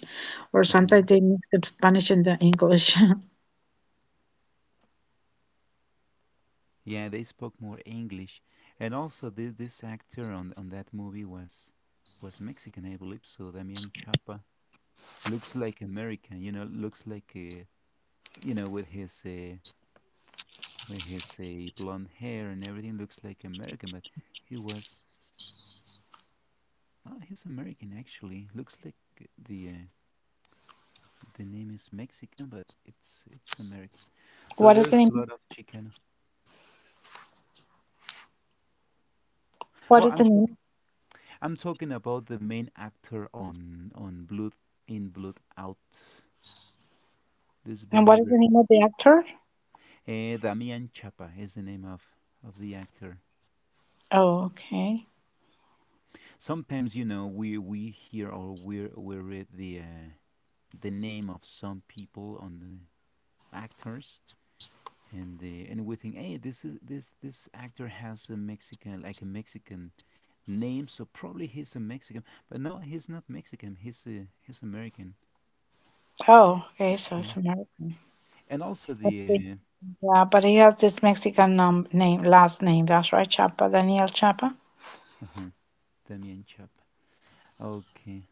B: or sometimes
A: Mhm.
B: they mix the Spanish and the English. [laughs]
A: Yeah, they spoke more English, and also this actor on that movie was Mexican, I believe. So Damian Chapa looks like American, you know, looks like you know, with his uh, with his blonde hair and everything, looks like American, but he was he's American actually. Looks like the uh, the name is Mexican, but it's American. So
B: What is
A: there's
B: the
A: a
B: name?
A: lot of Chicano.
B: What
A: Well,
B: is the name?
A: I'm talking about the main actor on Blood in Blood Out. This
B: And
A: very
B: what is the name of the actor?
A: very Damian Chapa is the name of the actor.
B: Oh, okay.
A: Sometimes we hear or we read the name of some people on the actors and we think, hey, this actor has a Mexican, like a Mexican name, so probably he's a Mexican, but no, he's not Mexican, he's American.
B: Oh, okay. So
A: Okay.
B: it's American.
A: And also
B: Okay.
A: the
B: Yeah, but he has this Mexican name, last name. That's right, Chapa, Daniel Chapa.
A: uh, uh damien chap okay.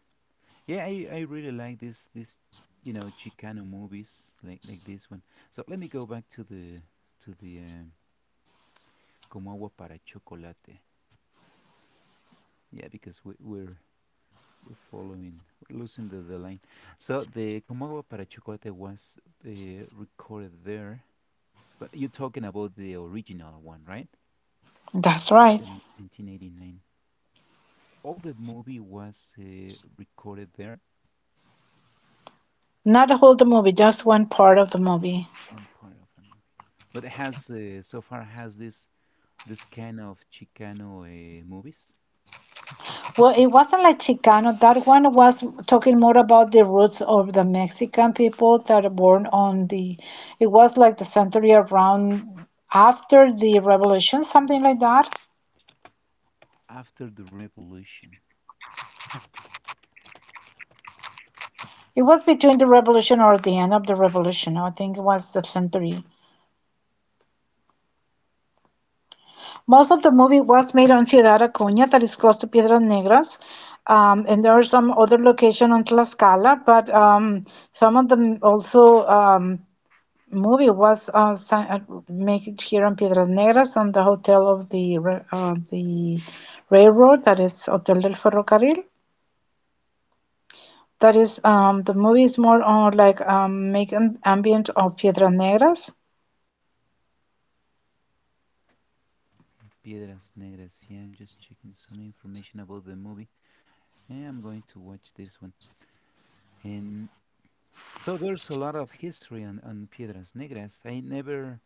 A: Yeah, I really like this Chicano movies like this one. So let me go back to the Como Agua para Chocolate. Yeah, because we're following, we're losing the line. So the Como Agua para Chocolate was recorded there, but you're talking about the original one, right?
B: That's right.
A: The 1989. All the movie was recorded there,
B: Not the whole the movie, just one part of the movie.
A: one part of the movie. But it has so far has this kind of Chicano movies
B: Well, it wasn't like Chicano. That one was talking more about the roots of the Mexican people that are born on the. It was like the century around after the revolution, something like that.
A: after the revolution.
B: It was between the revolution or the end of the revolution. I think it was the century. Most of the movie was made on Ciudad Acuña, that is close to Piedras Negras. And there are some other location on Tlaxcala, but some of them also movie was si- made here in Piedras Negras on the hotel of the railroad, that is Hotel del Ferrocarril. That is the movie is more on like make an ambient of Piedras Negras.
A: Piedras Negras. Yeah, I'm just checking some information about the movie. I am going to watch this one. And So there's a lot of history on Piedras Negras. I never,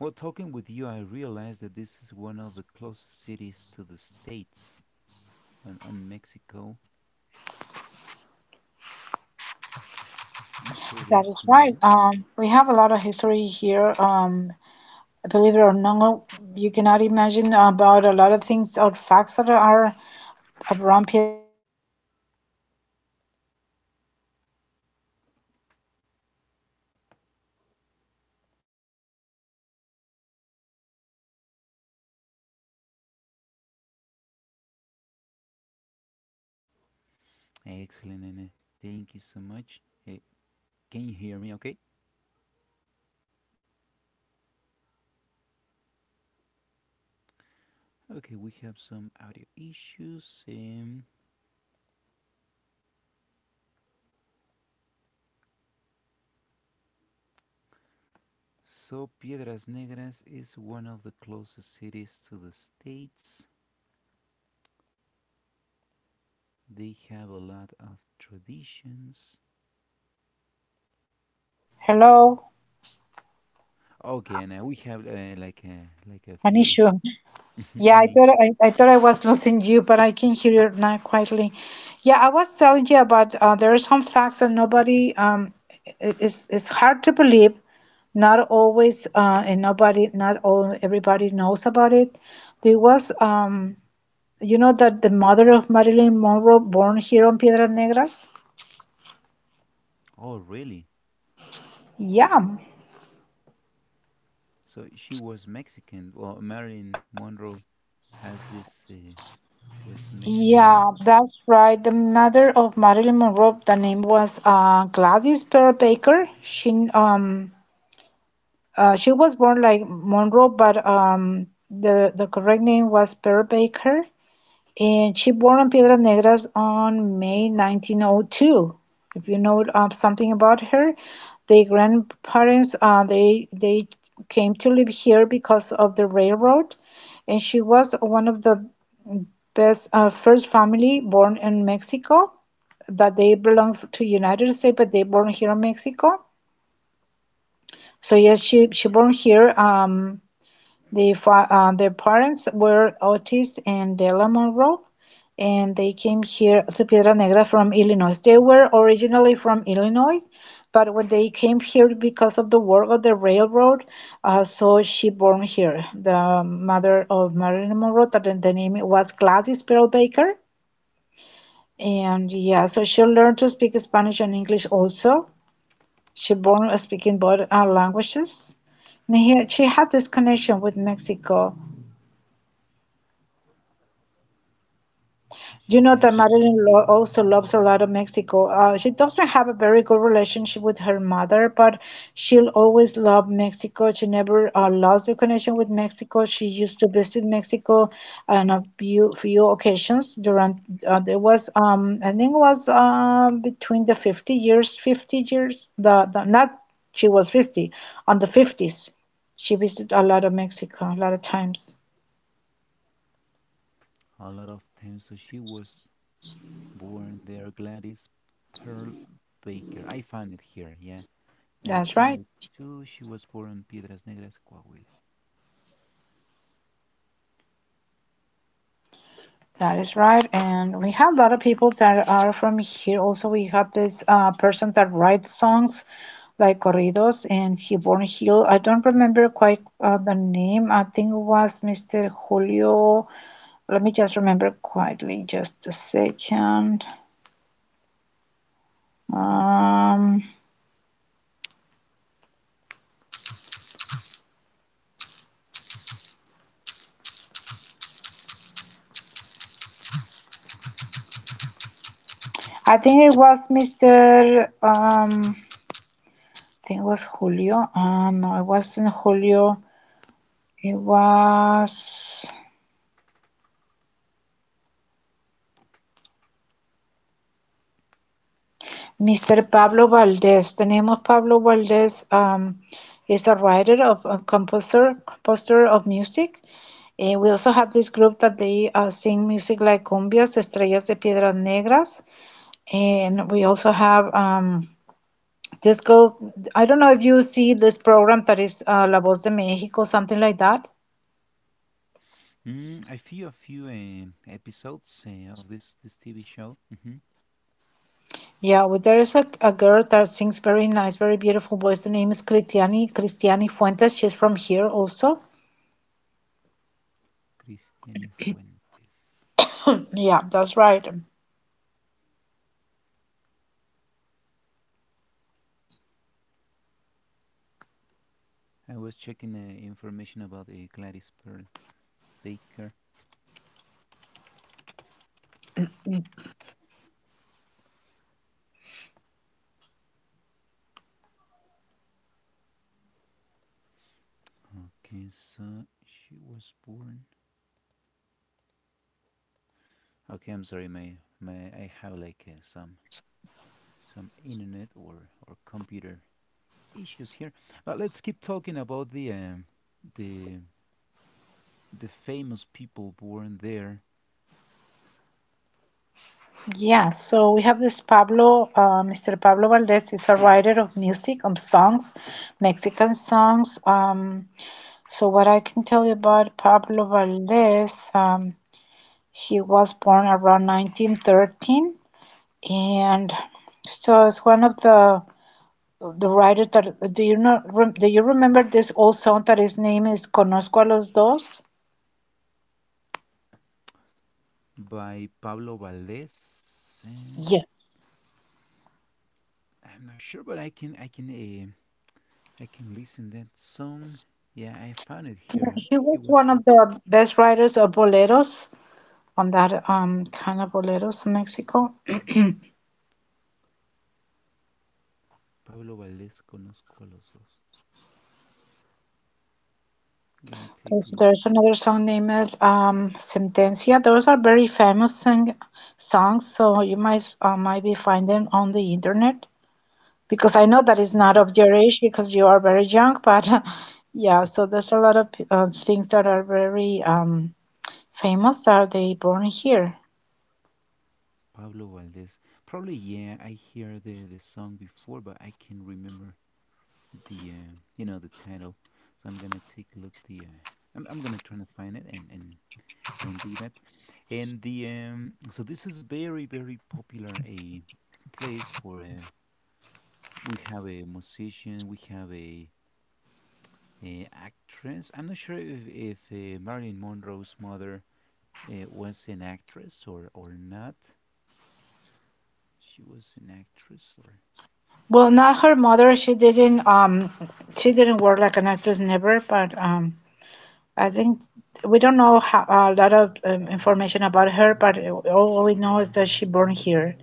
A: well, talking with you, I realized that this is one of the closest cities to the states and on Mexico. Not sure
B: That
A: there's
B: is right.
A: more.
B: We have a lot of history here. Believe it or not,
A: Excellent, Nene. Thank you so much. Eh, can you hear me? Okay. Okay, we have some audio issues. So Piedras Negras is one of the closest cities to the states. They have a lot of traditions. Okay, and we have like a
B: an
A: few
B: issue.
A: [laughs]
B: Yeah,
A: and he,
B: I thought I was losing you, but I can hear you now quietly. Yeah, I was telling you about there are some facts that nobody it's hard to believe. Not always and nobody not all everybody knows about it. There was you know that the mother of Marilyn Monroe born here on Piedras Negras?
A: oh, really?
B: Yeah.
A: So she was Mexican. Well, Marilyn Monroe has this was Mexican, and
B: Yeah, that's right. The mother of Marilyn Monroe, the name was Gladys Pearl Baker. She was born like Monroe, but the correct name was Per Baker. And she born in Piedras Negras on May 1902. If you know something about her, the grandparents they came to live here because of the railroad, and she was one of the best first family born in Mexico that they belong to United States, but they born here in Mexico. So yes, she born here. Their parents were Otis and Della Monroe, and they came here to Piedra Negra from Illinois. They were originally from Illinois, but when they came here because of the work of the railroad, so she born here. The mother of Marilyn Monroe, the name was Gladys Pearl Baker, and yeah, so she learned to speak Spanish and English also. She born speaking both languages. And she had this connection with Mexico. You
A: she
B: know
A: had
B: that
A: this
B: mother-in-law also loves a lot of Mexico. She doesn't have a very good relationship with her mother, but she'll always love Mexico. She never lost the connection with Mexico. She used to visit Mexico on a few occasions during there was I think it was between the 50 years, 50 years the, the not she was 50 on the '50s. She visited a lot of Mexico a lot of times.
A: a lot of time. So she was born there, Gladys Pearl Baker. I found it here. Yeah,
B: That's right.
A: 1902. She was born in Piedras Negras, Coahuila.
B: That is right, and we have a lot of people that are from here. Also, we have this person that writes songs like corridos, and he born here. I don't remember quite the name. I think it was Mr. Julio. Let me just remember quietly, just a second. Um, I think it was Mr. Um, I think it was Julio. No, it wasn't Julio. It was. Mr. Pablo Valdez. The name of Pablo Valdez is a writer of a composer of music. Eh, we also have this group that they sing music like cumbias, estrellas de piedras negras, and we also have disco. I don't know if you see this program that is La Voz de México, something like that.
A: Mm, I see a few episodes of this TV show. hmm
B: Yeah, well, there is a girl that sings very nice, very beautiful voice. The name is Cristiani Fuentes. She's from here also.
A: Cristiani Fuentes.
B: Yeah, that's right.
A: I was checking information about Gladys Pearl Baker. Okay, so she was born. Okay, I'm sorry. May I have like some internet or computer issues here? But let's keep talking about the the famous people born there.
B: Yeah, so we have this Mr. Pablo Valdez is a writer of music, songs, Mexican songs. So what I can tell you about Pablo Valdez, he was born around 1913, and so it's one of the writers that do you remember this old song that his name is Conozco a los dos?
A: By Pablo Valdés.
B: Yes.
A: I'm not sure, but I can listen that song. Yeah, I found it
B: Yeah,
A: here.
B: he
A: He
B: was
A: was
B: one of
A: born
B: the best writers of boleros on that kind of boleros in Mexico.
A: Pablo Valdés. Conozco a los dos. I'm gonna take a look
B: There's another song named Sentencia. Those are very famous songs, so you might might be find them on the internet, because I know that it's not
A: at
B: of your age because you are very young, but [laughs] yeah, so there's a lot of things that are very famous that they born here.
A: Pablo Valdez. Probably yeah. I hear the song before, but I can remember the you know the title. So I'm gonna take a look. The I'm gonna try to find it and do that. And the So this is a very very popular a place for we have a musician, we have a actress. I'm not sure if Marilyn Monroe's mother was an actress or not. She was an actress or
B: Well, not her mother. She didn't work like an actress never, but I think we don't know a lot of information about her, but all we know is that she born here.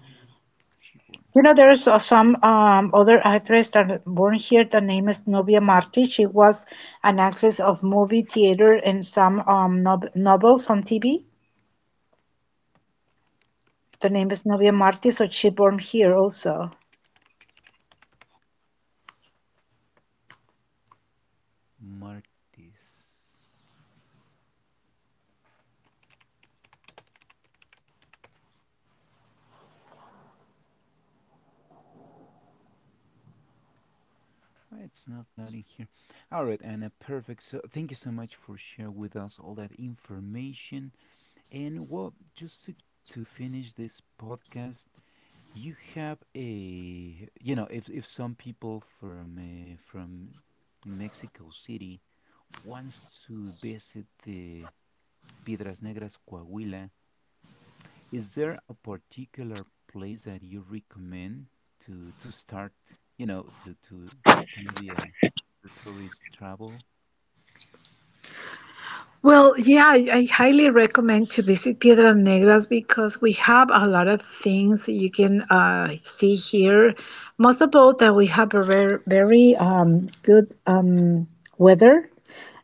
A: she was.
B: You know, there is some other actress that born here. The name is Novia Marti. She was an actress of movie, theater, and some nob novels on TV. The name is Novia Marti, so she born here also.
A: Martis. Why, it's not loading here. All right, Anna, perfect. So, thank you so much for sharing with us all that information. And well, just to finish this podcast, you have if some people from from Mexico City wants to visit the Piedras Negras Coahuila. Is there a particular place that you recommend to start, to start the tourist travel?
B: Well, yeah, I highly recommend to visit Piedras Negras because we have a lot of things you can see here. Most of all, that we have a very, very good weather.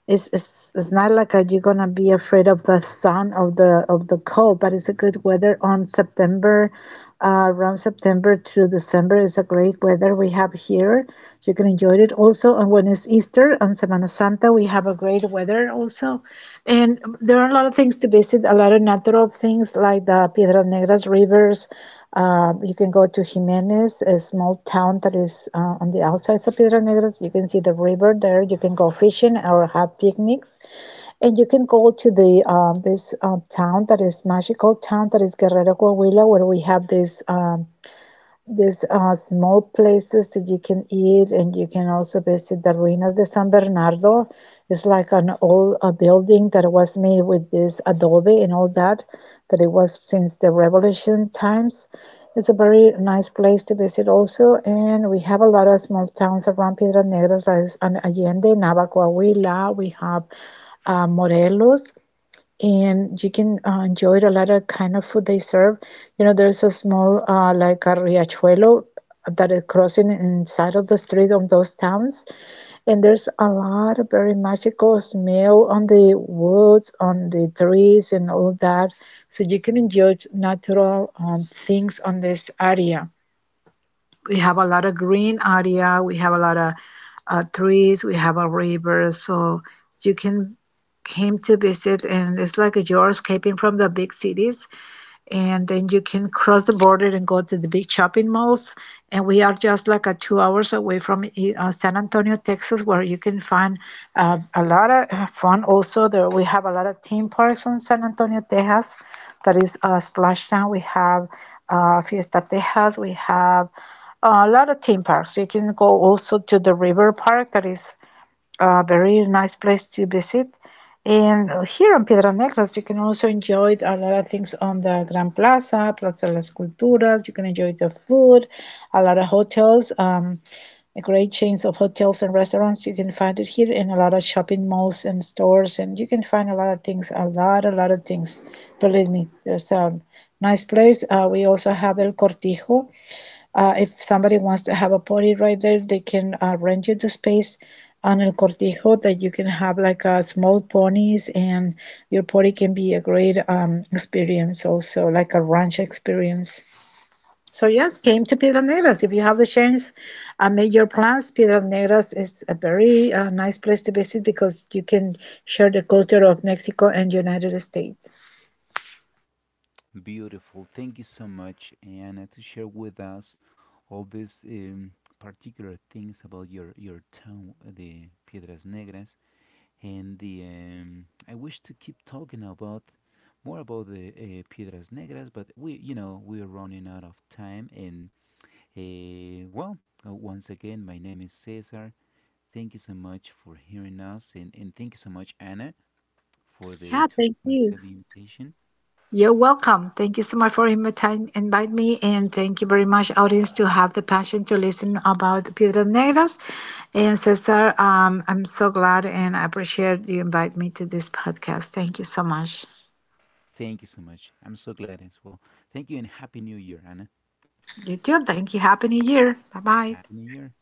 B: It's not like you're gonna be afraid of the sun, of the, of the cold, but it's a good weather on September, around September to December is a great weather we have here. You can enjoy it also. And when it's Easter on Semana Santa, we have a great weather also, and there are a lot of things to visit, a lot of natural things like the Piedras Negras rivers. You can go to Jimenez, a small town that is on the outsides of Piedras Negras. You can see the river there. You can go fishing or have picnics, and you can go to the this town that is magical town that is Guerrero Coahuila, where we have this. These are small places that you can eat, and you can also visit the ruinas de San Bernardo. It's like an old a building that was made with this adobe and all that, that it was since the revolution times. It's a very nice place to visit also, and we have a lot of small towns around Piedras Negras, like Allende, Navajo, Huila. We have Morelos, and you can enjoy a lot of kind of food they serve. You know, there's a small like a riachuelo that is crossing inside of the street of those towns, and there's a lot of very magical smell on the woods, on the trees, and all that. So you can enjoy natural things on this area. We have a lot of green area, we have a lot of trees, we have a river, so you can came to visit, and it's like you're escaping from the big cities, and then you can cross the border and go to the big shopping malls. And we are just like a 2 hours away from San Antonio, Texas, where you can find a lot of fun. Also, there we have a lot of theme parks in San Antonio, Texas. That is Splash. We have Fiesta Texas. We have a lot of theme parks. You can go also to the river park that is a very nice place to visit. And here on Piedras Negras, you can also enjoy a lot of things on the Gran Plaza, Plaza de las Culturas. You can enjoy the food, a lot of hotels, great chains of hotels and restaurants. You can find it here in a lot of shopping malls and stores, and you can find a lot of things, a lot of things. Believe me, there's a nice place. We also have El Cortijo. If somebody wants to have a party right there, they can rent you the space on El Cortijo, that you can have like small ponies, and your party can be a great experience also, like a ranch experience. So yes, came to Piedras Negras. If you have the chance, make your plans. Piedras Negras is a very nice place to visit because you can share the culture of Mexico and United States.
A: Beautiful. Thank you so much, Anna, to share with us all these particular things about your town, the Piedras Negras, and the. I wish to keep talking about more about the Piedras Negras, but we're running out of time and. Well, once again, my name is Cesar. Thank you so much for hearing us, and thank you so much, Anna, for the
B: Yeah,
A: to,
B: thank
A: for
B: you.
A: accepting the invitation.
B: You're welcome. Thank you so much for inviting invite me, and thank you very much, audience, to have the passion to listen about Piedras Negras. And Cesar, I'm so glad and I appreciate you invite me to this podcast. Thank you so much.
A: Thank you so much. I'm so glad as well. Thank you, and happy New Year, Anna.
B: You too. Thank you. Happy New Year. Bye bye.
A: Happy New Year.